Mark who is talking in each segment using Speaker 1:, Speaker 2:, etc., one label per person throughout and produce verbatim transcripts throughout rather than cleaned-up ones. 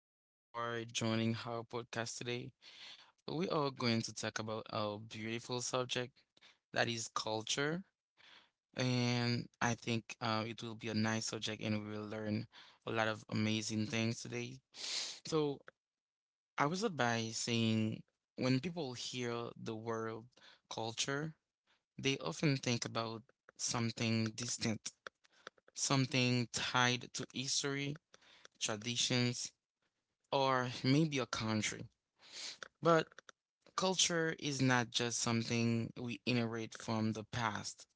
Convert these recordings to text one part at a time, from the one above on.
Speaker 1: Thank you for joining our podcast today. We are going to talk about a beautiful subject that is culture, and I think uh, it will be a nice subject, and we will learn a lot of amazing things today. So I was up by saying when people hear the word culture, they often think about something distant, something tied to history, traditions or maybe a country. But culture is not just something we inherit from the past,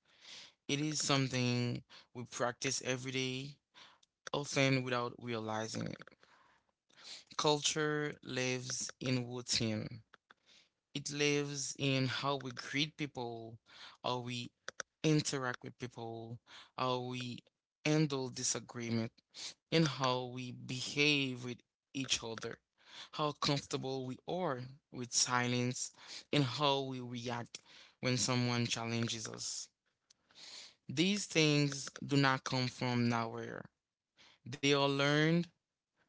Speaker 1: it is something we practice every day, often without realizing it. Culture lives in routine. It lives in how we greet people, how we interact with people, how we handle disagreement, and how we behave with each other, how comfortable we are with silence, and how we react when someone challenges us. These things do not come from nowhere. They are learned,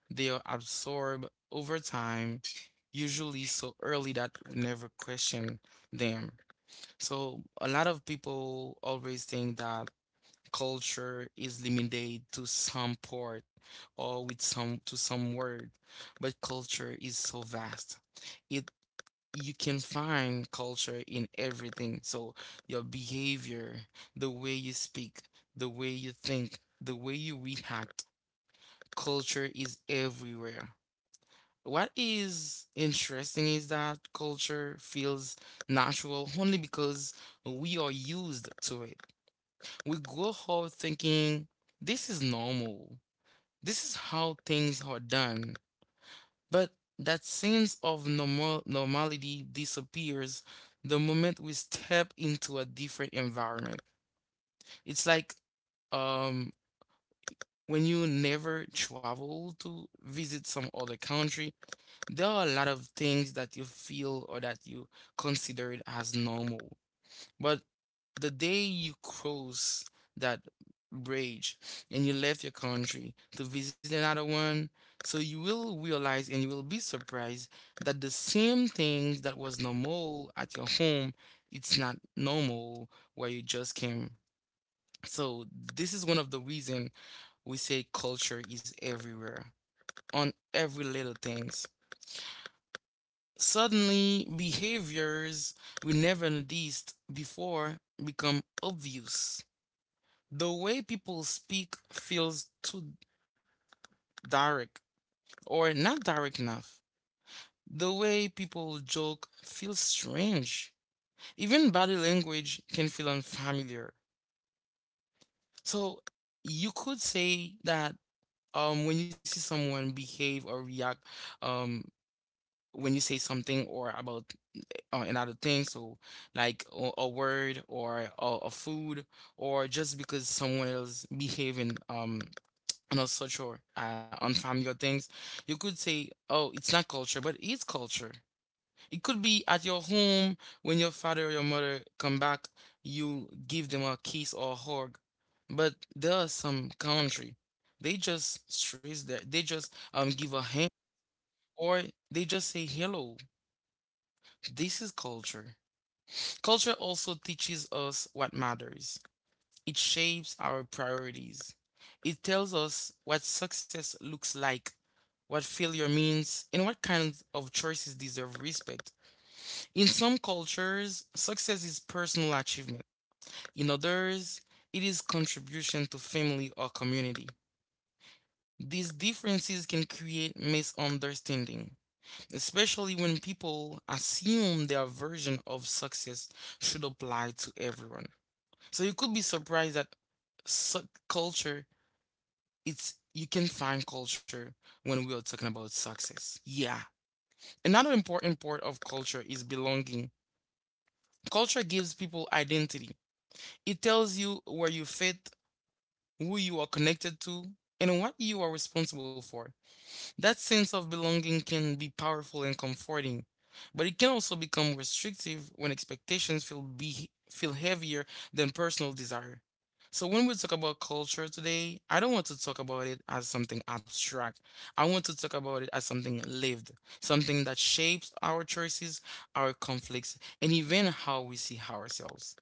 Speaker 1: they are absorbed over time, usually so early that we never question them. So a lot of people always think that culture is limited to some part or with some to some word, but culture is so vast. It you can find culture in everything. So your behavior, the way you speak, the way you think, the way you react, culture is everywhere. What is interesting is that culture feels natural only because we are used to it. We go home thinking this is normal. This is how things are done. But that sense of normal normality disappears the moment we step into a different environment. It's like um when you never travel to visit some other country, there are a lot of things that you feel or that you considered as normal. But the day you cross that bridge and you left your country to visit another one, so you will realize and you will be surprised that the same things that was normal at your home, it's not normal where you just came. So this is one of the reason we say culture is everywhere on every little things. Suddenly, behaviors we never noticed before become obvious. The way people speak feels too direct or not direct enough. The way people joke feels strange. Even body language can feel unfamiliar. So you could say that um, when you see someone behave or react um, when you say something or about uh, another thing, so like a, a word or a, a food, or just because someone else behaving um, I'm not so sure uh, on familiar things. You could say, oh, it's not culture, but it's culture. It could be at your home when your father or your mother come back, you give them a kiss or a hug. But there are some country, they just stress that they just um give a hand or they just say hello. This is culture. Culture also teaches us what matters. It shapes our priorities. It tells us what success looks like, what failure means, and what kinds of choices deserve respect. In some cultures, success is personal achievement. In others, it is contribution to family or community. These differences can create misunderstanding, especially when people assume their version of success should apply to everyone. So you could be surprised that such culture it's you can find culture when we are talking about success. Yeah. Another important part of culture is belonging. Culture gives people identity. It tells you where you fit, who you are connected to, and what you are responsible for. That sense of belonging can be powerful and comforting, but it can also become restrictive when expectations feel be feel heavier than personal desire. So when we talk about culture today, I don't want to talk about it as something abstract. I want to talk about it as something lived, something that shapes our choices, our conflicts, and even how we see ourselves.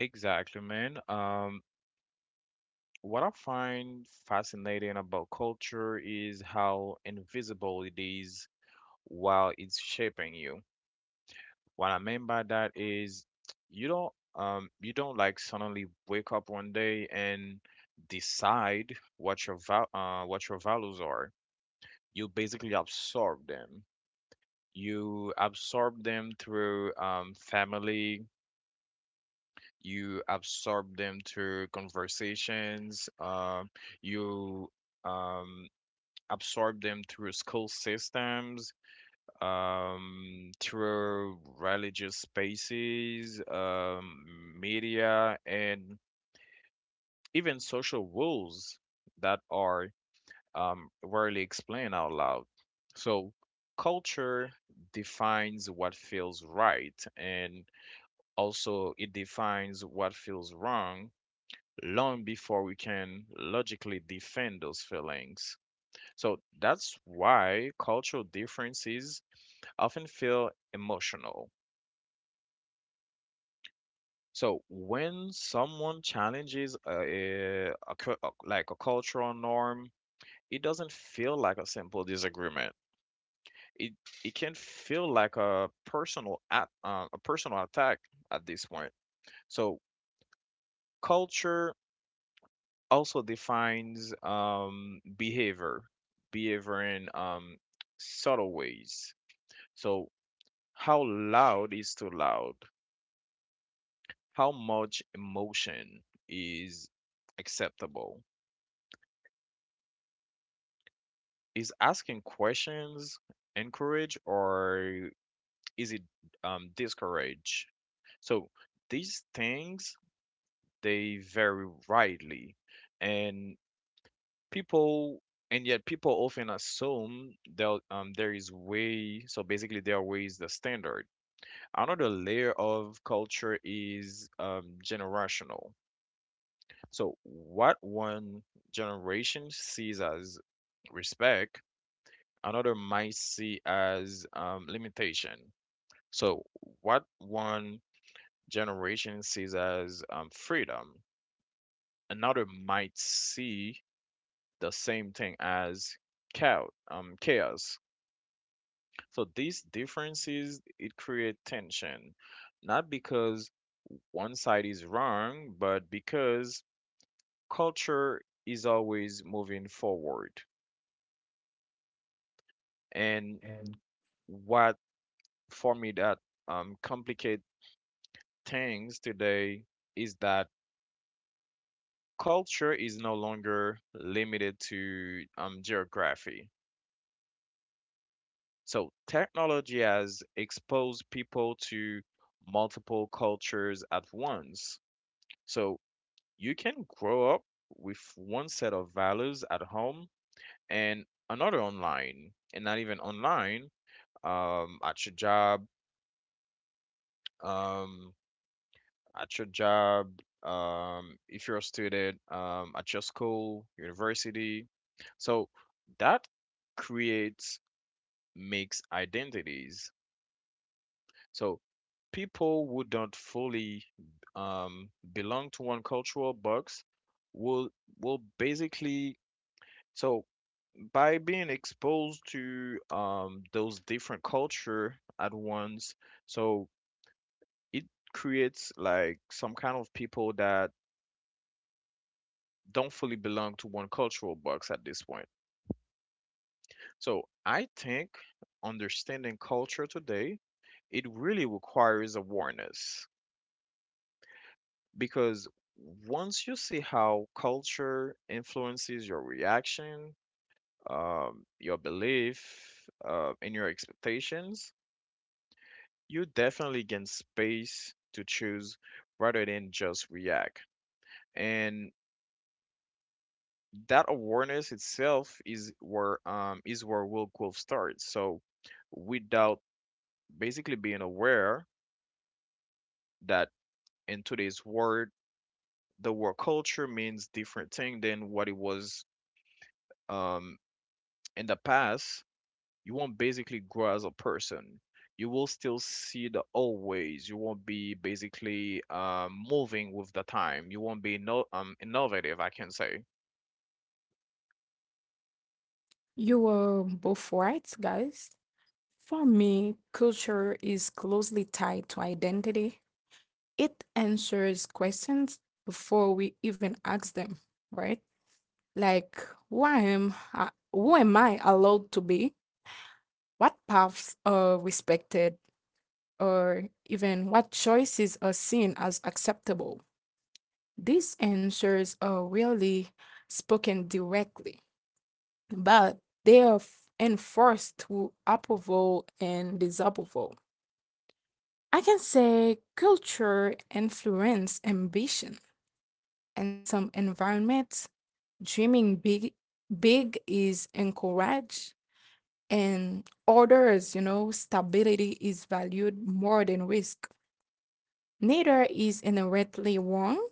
Speaker 2: Exactly, man. Um, what I find fascinating about culture is how invisible it is while it's shaping you. What I mean by that is you don't um you don't like suddenly wake up one day and decide what your val uh what your values are. You basically absorb them. You absorb them through um family, you absorb them through conversations, um, you um, absorb them through school systems, um, through religious spaces, um, media, and even social rules that are um, rarely explained out loud. So, culture defines what feels right, and also it defines what feels wrong long before we can logically defend those feelings. So that's why cultural differences often feel emotional. So when someone challenges a, a cu- a- like a cultural norm, it doesn't feel like a simple disagreement. It it can feel like a personal at, uh, a personal attack at this point. So culture also defines um, behavior, behavior in um, subtle ways. So, how loud is too loud? How much emotion is acceptable? Is asking questions encourage, or is it um, discourage? So, these things they vary widely, and people and yet people often assume that um, there is way, so basically there are ways the standard. Another layer of culture is um, generational. So what one generation sees as respect, another might see as um, limitation. So what one generation sees as um, freedom, another might see the same thing as chaos um, chaos. So these differences it create tension, not because one side is wrong, but because culture is always moving forward. And what for me that um, complicate things today is that culture is no longer limited to um, geography. So technology has exposed people to multiple cultures at once. So you can grow up with one set of values at home and another online, and not even online, um, at your job, um, at your job, um, if you're a student, um, at your school, university. So that creates mixed identities. So people who don't fully um, belong to one cultural box will will basically So by being exposed to um, those different culture at once, so it creates like some kind of people that don't fully belong to one cultural box at this point. So I think understanding culture today, it really requires awareness, because once you see how culture influences your reaction, um, your belief, uh, and your expectations, you definitely gain space to choose rather than just react. And that awareness itself is where um is where Will Wolf starts. So without basically being aware that in today's world, the word culture means different thing than what it was um in the past, you won't basically grow as a person. You will still see the old ways. You won't be basically uh, moving with the time. You won't be no um innovative, I can say.
Speaker 3: You were both right, guys. For me, culture is closely tied to identity. It answers questions before we even ask them, right? Like, why am I, who am I allowed to be? What paths are respected, or even what choices are seen as acceptable? These answers are really spoken directly, but they are f- enforced to approval and disapproval. I can say culture influence ambition. In some environments, dreaming big big is encouraged, and others, you know, stability is valued more than risk. Neither is inherently wrong,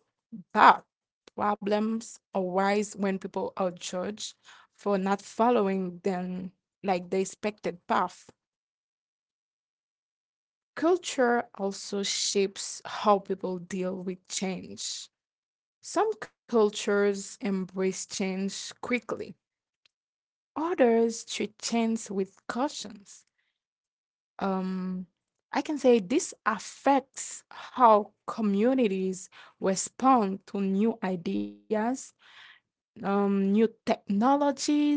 Speaker 3: but problems arise when people are judged for not following them like the expected path. Culture also shapes how people deal with change. Some cultures embrace change quickly, others treat change with cautions. Um, I can say this affects how communities respond to new ideas, um, new technologies,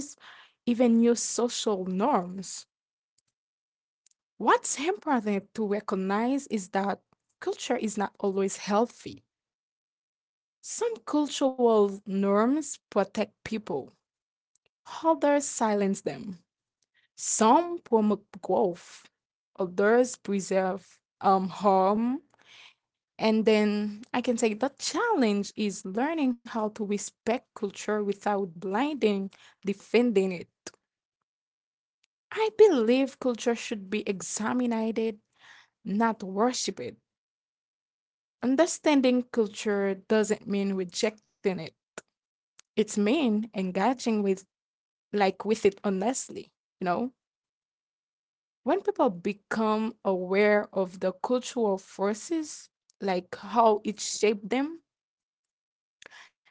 Speaker 3: even new social norms. What's important to recognize is that culture is not always healthy. Some cultural norms protect people, others silence them. Some promote growth, others preserve um, harm. And then I can say the challenge is learning how to respect culture without blinding, defending it. I believe culture should be examined, not worshipped. Understanding culture doesn't mean rejecting it. It's mean engaging with, like, with it honestly, you know, when people become aware of the cultural forces, like how it shaped them,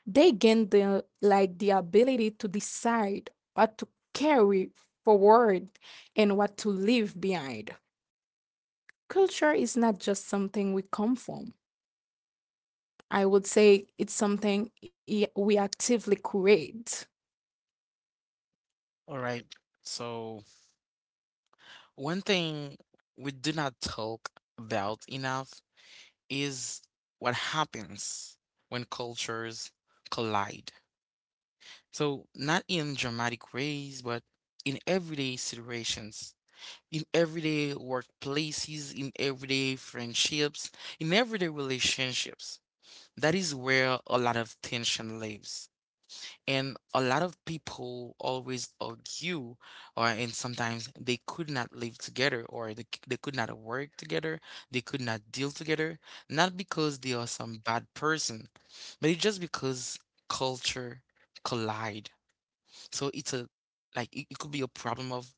Speaker 3: they gain the, like, the ability to decide what to carry forward and what to leave behind. Culture is not just something we come from. I would say it's something i- we actively create.
Speaker 1: All right. So one thing we do not talk about enough is what happens when cultures collide. So, not in dramatic ways, but in everyday situations, in everyday workplaces, in everyday friendships, in everyday relationships. That is where a lot of tension lives. And a lot of people always argue, or and sometimes they could not live together, or they, c- they could not work together, they could not deal together, not because they are some bad person, but it's just because culture collide. So it's a like it, it could be a problem of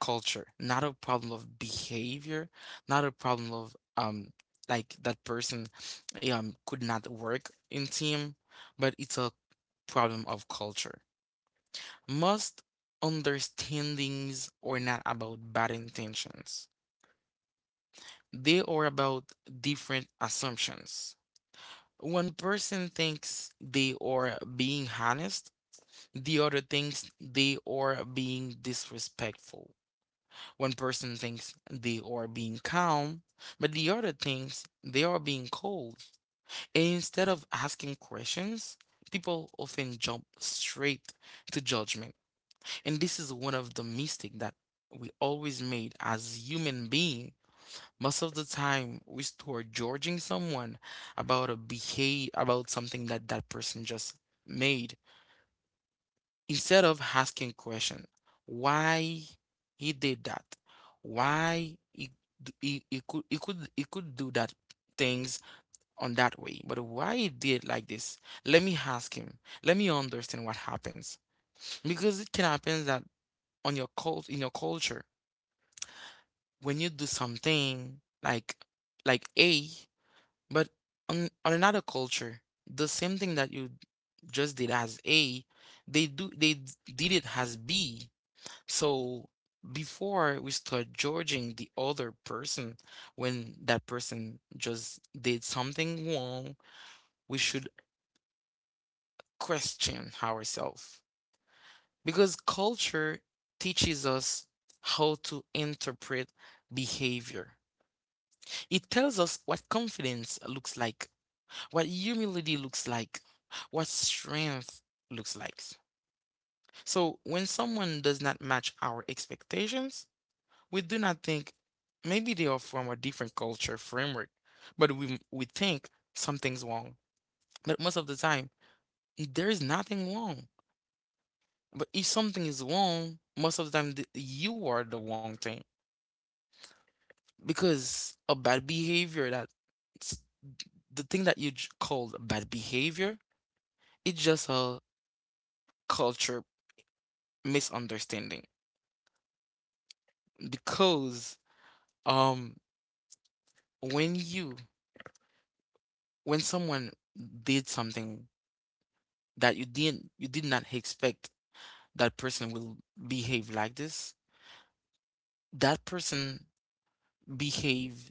Speaker 1: culture, not a problem of behavior, not a problem of um like that person um could not work in team, but it's a problem of culture. Most understandings are not about bad intentions. They are about different assumptions. One person thinks they are being honest, the other thinks they are being disrespectful. One person thinks they are being calm, but the other thinks they are being cold. And instead of asking questions, people often jump straight to judgment. And this is one of the mistake that we always made as human being. Most of the time, we start judging someone about a behave about something that that person just made instead of asking question, why he did that, why he d- he, he could he could he could do that things on that way, but why he did like this? Let me ask him. Let me understand what happens because it can happen that on your cult in your culture when you do something like like A, but on on another culture, the same thing that you just did as A, they do they d- did it as B. So before we start judging the other person when that person just did something wrong, we should question ourselves because culture teaches us how to interpret behavior. It tells us what confidence looks like, what humility looks like, what strength looks like. So when someone does not match our expectations, we do not think maybe they are from a different culture framework, but we we think something's wrong. But most of the time, there is nothing wrong. But if something is wrong, most of the time th- you are the wrong thing because a bad behavior that s- the thing that you j- called bad behavior it's just a culture misunderstanding because um when you when someone did something that you didn't you did not expect that person will behave like this, that person behave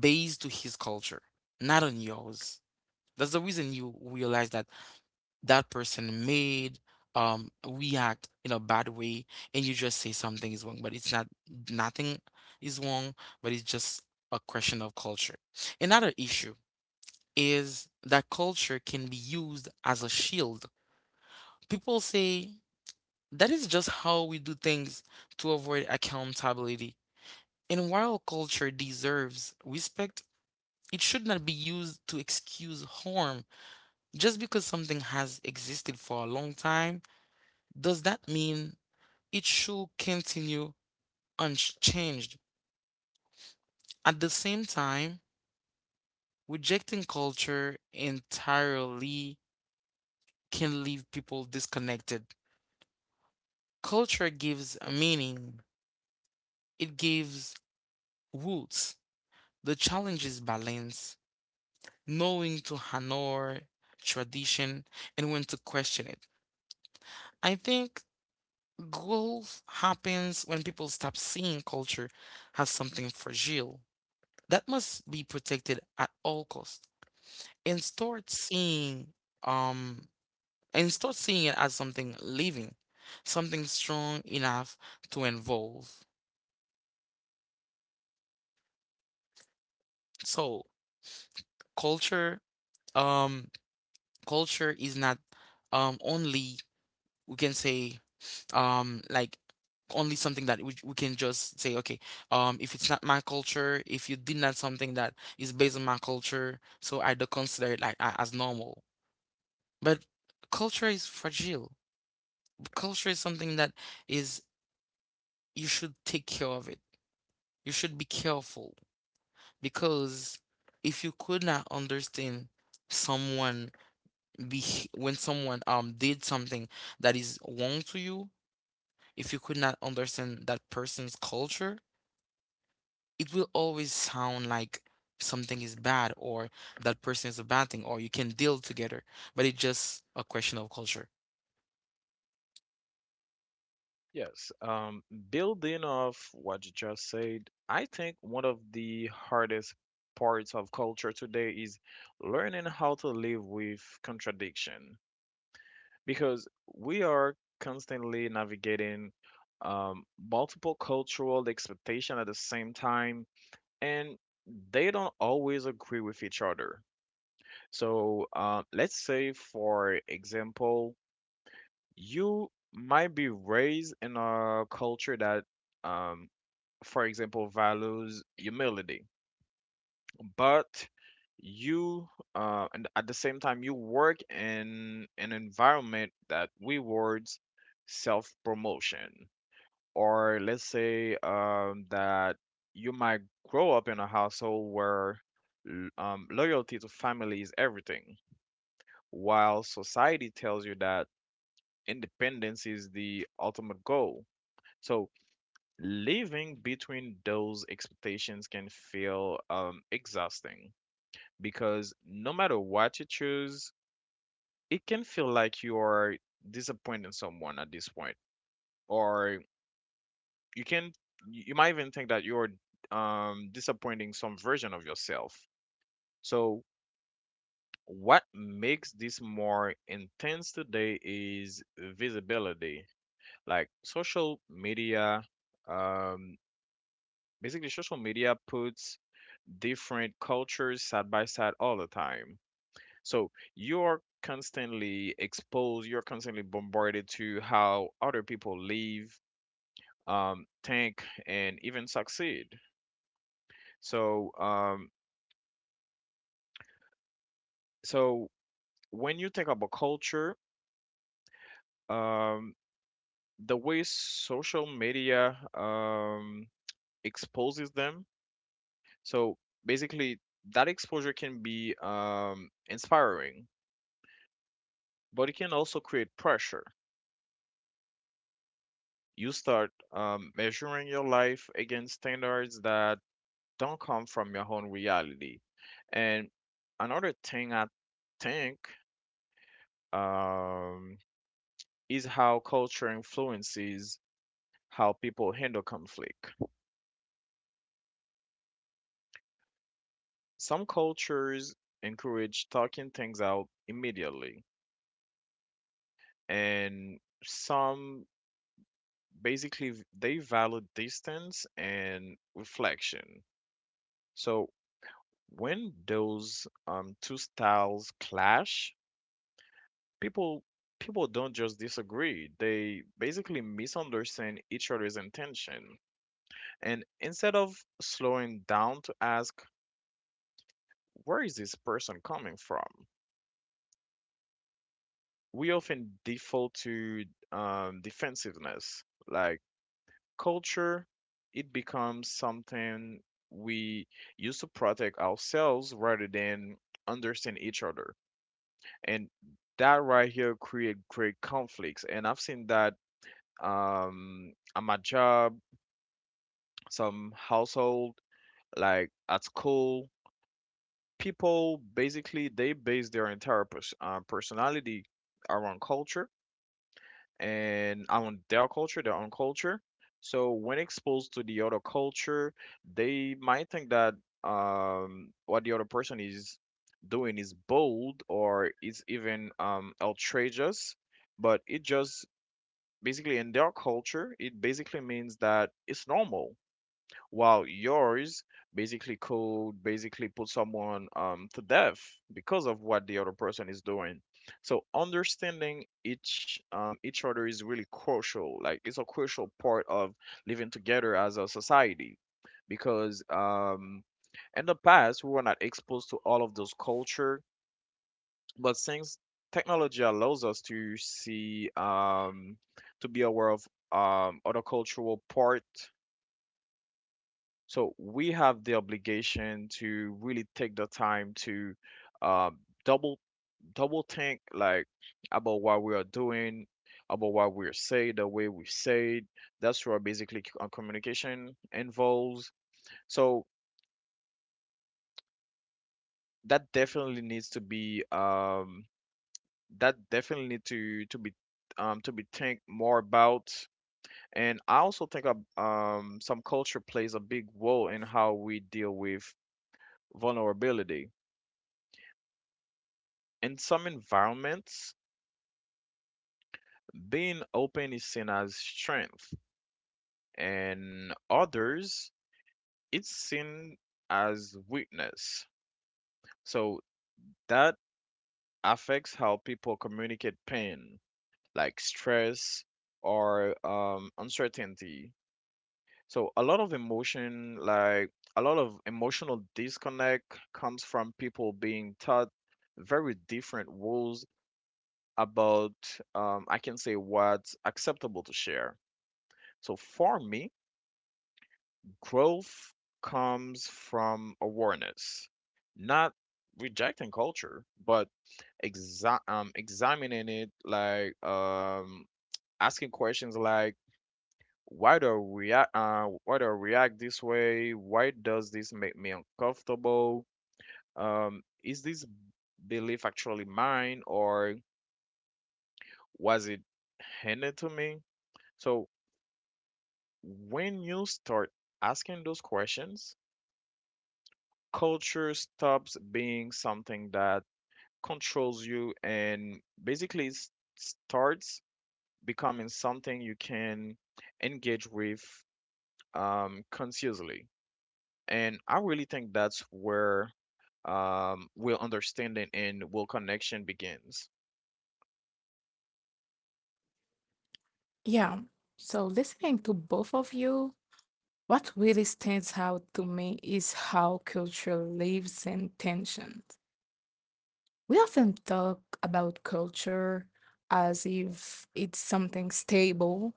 Speaker 1: based to his culture, not on yours. That's the reason you realize that that person made um react in a bad way, and you just say something is wrong, but it's not. Nothing is wrong, but it's just a question of culture. Another issue is that culture can be used as a shield. People say that is just how we do things to avoid accountability, and while culture deserves respect, it should not be used to excuse harm. Just because something has existed for a long time, does that mean it should continue unchanged. At the same time, rejecting culture entirely can leave people disconnected. Culture gives a meaning, it gives roots. The challenge is balance, knowing to honor tradition and when to question it. I think growth happens when people stop seeing culture as something fragile that must be protected at all costs, and start seeing um and start seeing it as something living, something strong enough to involve. So culture, um, culture is not um only we can say um like only something that we, we can just say okay um if it's not my culture if you did not something that is based on my culture so I don't consider it like a- as normal, but culture is fragile. Culture is something that is you should take care of it. You should be careful because if you could not understand someone be when someone um did something that is wrong to you, if you could not understand that person's culture, it will always sound like something is bad or that person is a bad thing or you can deal together, but it's just a question of culture.
Speaker 2: Yes. Um, building off what you just said, I think one of the hardest parts of culture today is learning how to live with contradiction, because we are constantly navigating um, multiple cultural expectation at the same time, and they don't always agree with each other. So uh, let's say, for example, you might be raised in a culture that, um, for example, values humility, but you uh, and at the same time you work in an environment that rewards self-promotion. Or let's say um, that you might grow up in a household where l- um, loyalty to family is everything, while society tells you that independence is the ultimate goal. So living between those expectations can feel um, exhausting, because no matter what you choose, it can feel like you are disappointing someone at this point, or you can you might even think that you're um, disappointing some version of yourself. So what makes this more intense today is visibility. Like social media, um, basically social media puts different cultures side by side all the time. So you're constantly exposed, you're constantly bombarded to how other people live, um, think, and even succeed. So um, so when you think about culture, um, the way social media um, exposes them, so basically that exposure can be um, inspiring, but it can also create pressure. You start um, measuring your life against standards that don't come from your own reality. And another thing I think um, is how culture influences how people handle conflict. Some cultures encourage talking things out immediately, and some basically v- they value distance and reflection. So when those um, two styles clash, people people don't just disagree. They basically misunderstand each other's intention. And instead of slowing down to ask, where is this person coming from? We often default to um, defensiveness. Like culture, it becomes something we use to protect ourselves rather than understand each other. And that right here create great conflicts. And I've seen that um, at my job, some household, like at school, people basically they base their entire pers- uh, personality around culture, and on their culture, their own culture. So when exposed to the other culture, they might think that um, what the other person is doing is bold, or it's even um, outrageous, but it just basically in their culture, it basically means that it's normal, while yours basically could basically put someone um, to death because of what the other person is doing. So understanding each um, each other is really crucial. Like it's a crucial part of living together as a society, because um, in the past we were not exposed to all of those culture, but since technology allows us to see um, to be aware of um, other cultural part, so we have the obligation to really take the time to uh, double double think, like about what we are doing, about what we're saying, the way we say it. That's where basically c- uh, communication involves. So that definitely needs to be um, that definitely need to to be um, to be think more about. And I also think of, um, some culture plays a big role in how we deal with vulnerability. In some environments, being open is seen as strength, and others, it's seen as weakness. So that affects how people communicate pain, like stress or um, uncertainty. So a lot of emotion, like a lot of emotional disconnect, comes from people being taught very different rules about, um, I can say, what's acceptable to share. So for me, growth comes from awareness, not rejecting culture, but exa- um, examining it, like um, asking questions like, why do I react? Uh, why do I react this way? Why does this make me uncomfortable? Um, is this belief actually mine, or was it handed to me? So when you start asking those questions, culture stops being something that controls you, and basically s- starts becoming something you can engage with um, consciously. And I really think that's where um, real understanding and real connection begins.
Speaker 3: Yeah. So listening to both of you, what really stands out to me is how culture lives in tensions. We often talk about culture as if it's something stable,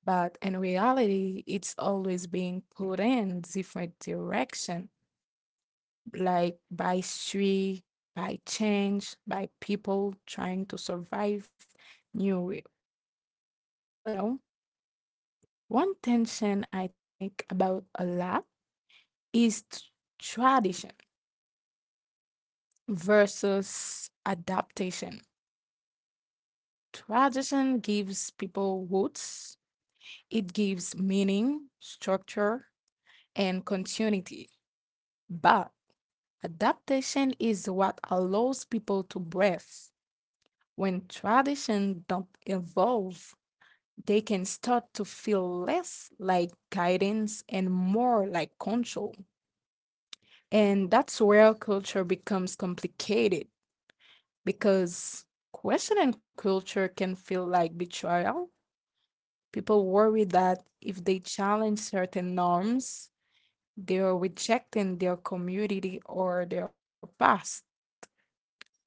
Speaker 3: but in reality, it's always being put in different direction, like by street, by change, by people trying to survive new re- realities. No? One tension I think about a lot is t- tradition versus adaptation. Tradition gives people roots, it gives meaning, structure, and continuity. But adaptation is what allows people to breathe. When tradition don't evolve, they can start to feel less like guidance and more like control. And that's where culture becomes complicated, because questioning culture can feel like betrayal. People worry that if they challenge certain norms, they are rejecting their community or their past. But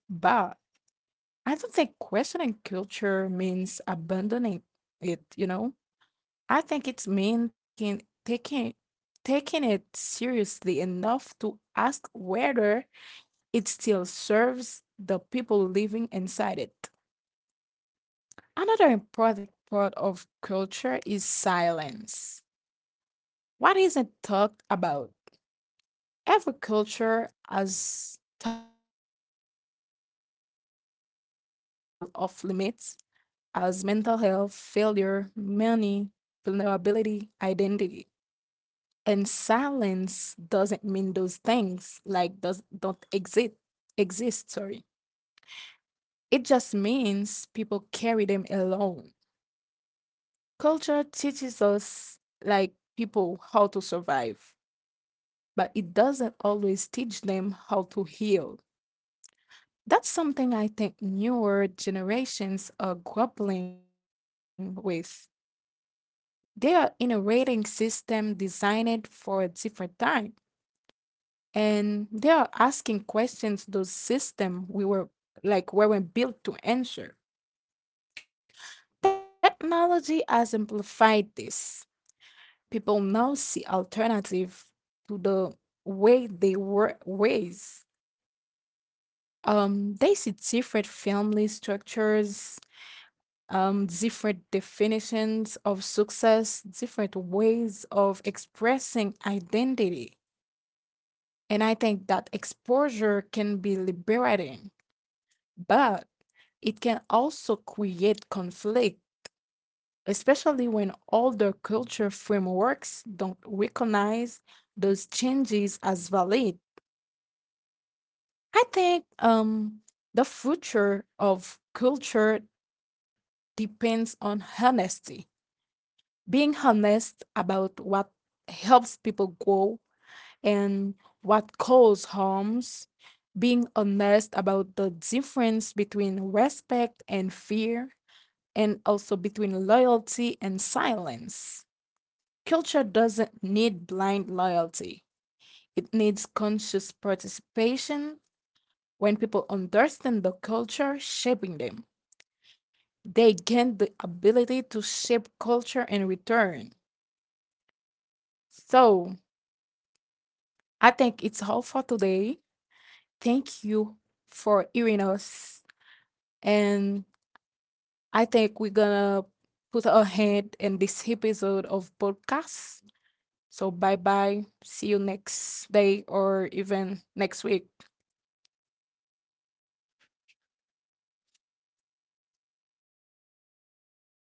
Speaker 3: I don't think questioning culture means abandoning it, you know? I think it's mean taking taking taking it seriously enough to ask whether it still serves the people living inside it. Another important part of culture is silence. What isn't talked about? Every culture has topic that feel off limits, as mental health, failure, money, vulnerability, identity. And silence doesn't mean those things, like, does don't exist exist, sorry. It just means people carry them alone. Culture teaches us, like, people how to survive, but it doesn't always teach them how to heal. That's something I think newer generations are grappling with. They are in a rating system designed for a different time, and they are asking questions those system we were, like, weren't built to answer. Technology has amplified this. People now see alternative to the way they were raised. Um, they see different family structures, um, different definitions of success, different ways of expressing identity. And I think that exposure can be liberating, but it can also create conflict, especially when older culture frameworks don't recognize those changes as valid. I think um, the future of culture depends on honesty. Being honest about what helps people grow and what causes harms. Being honest about the difference between respect and fear, and also between loyalty and silence. Culture doesn't need blind loyalty, it needs conscious participation. When people understand the culture shaping them, they gain the ability to shape culture in return. So I think it's all for today. Thank you for hearing us. And I think we're gonna put a hand in this episode of podcast. So bye bye. See you next day or even next week.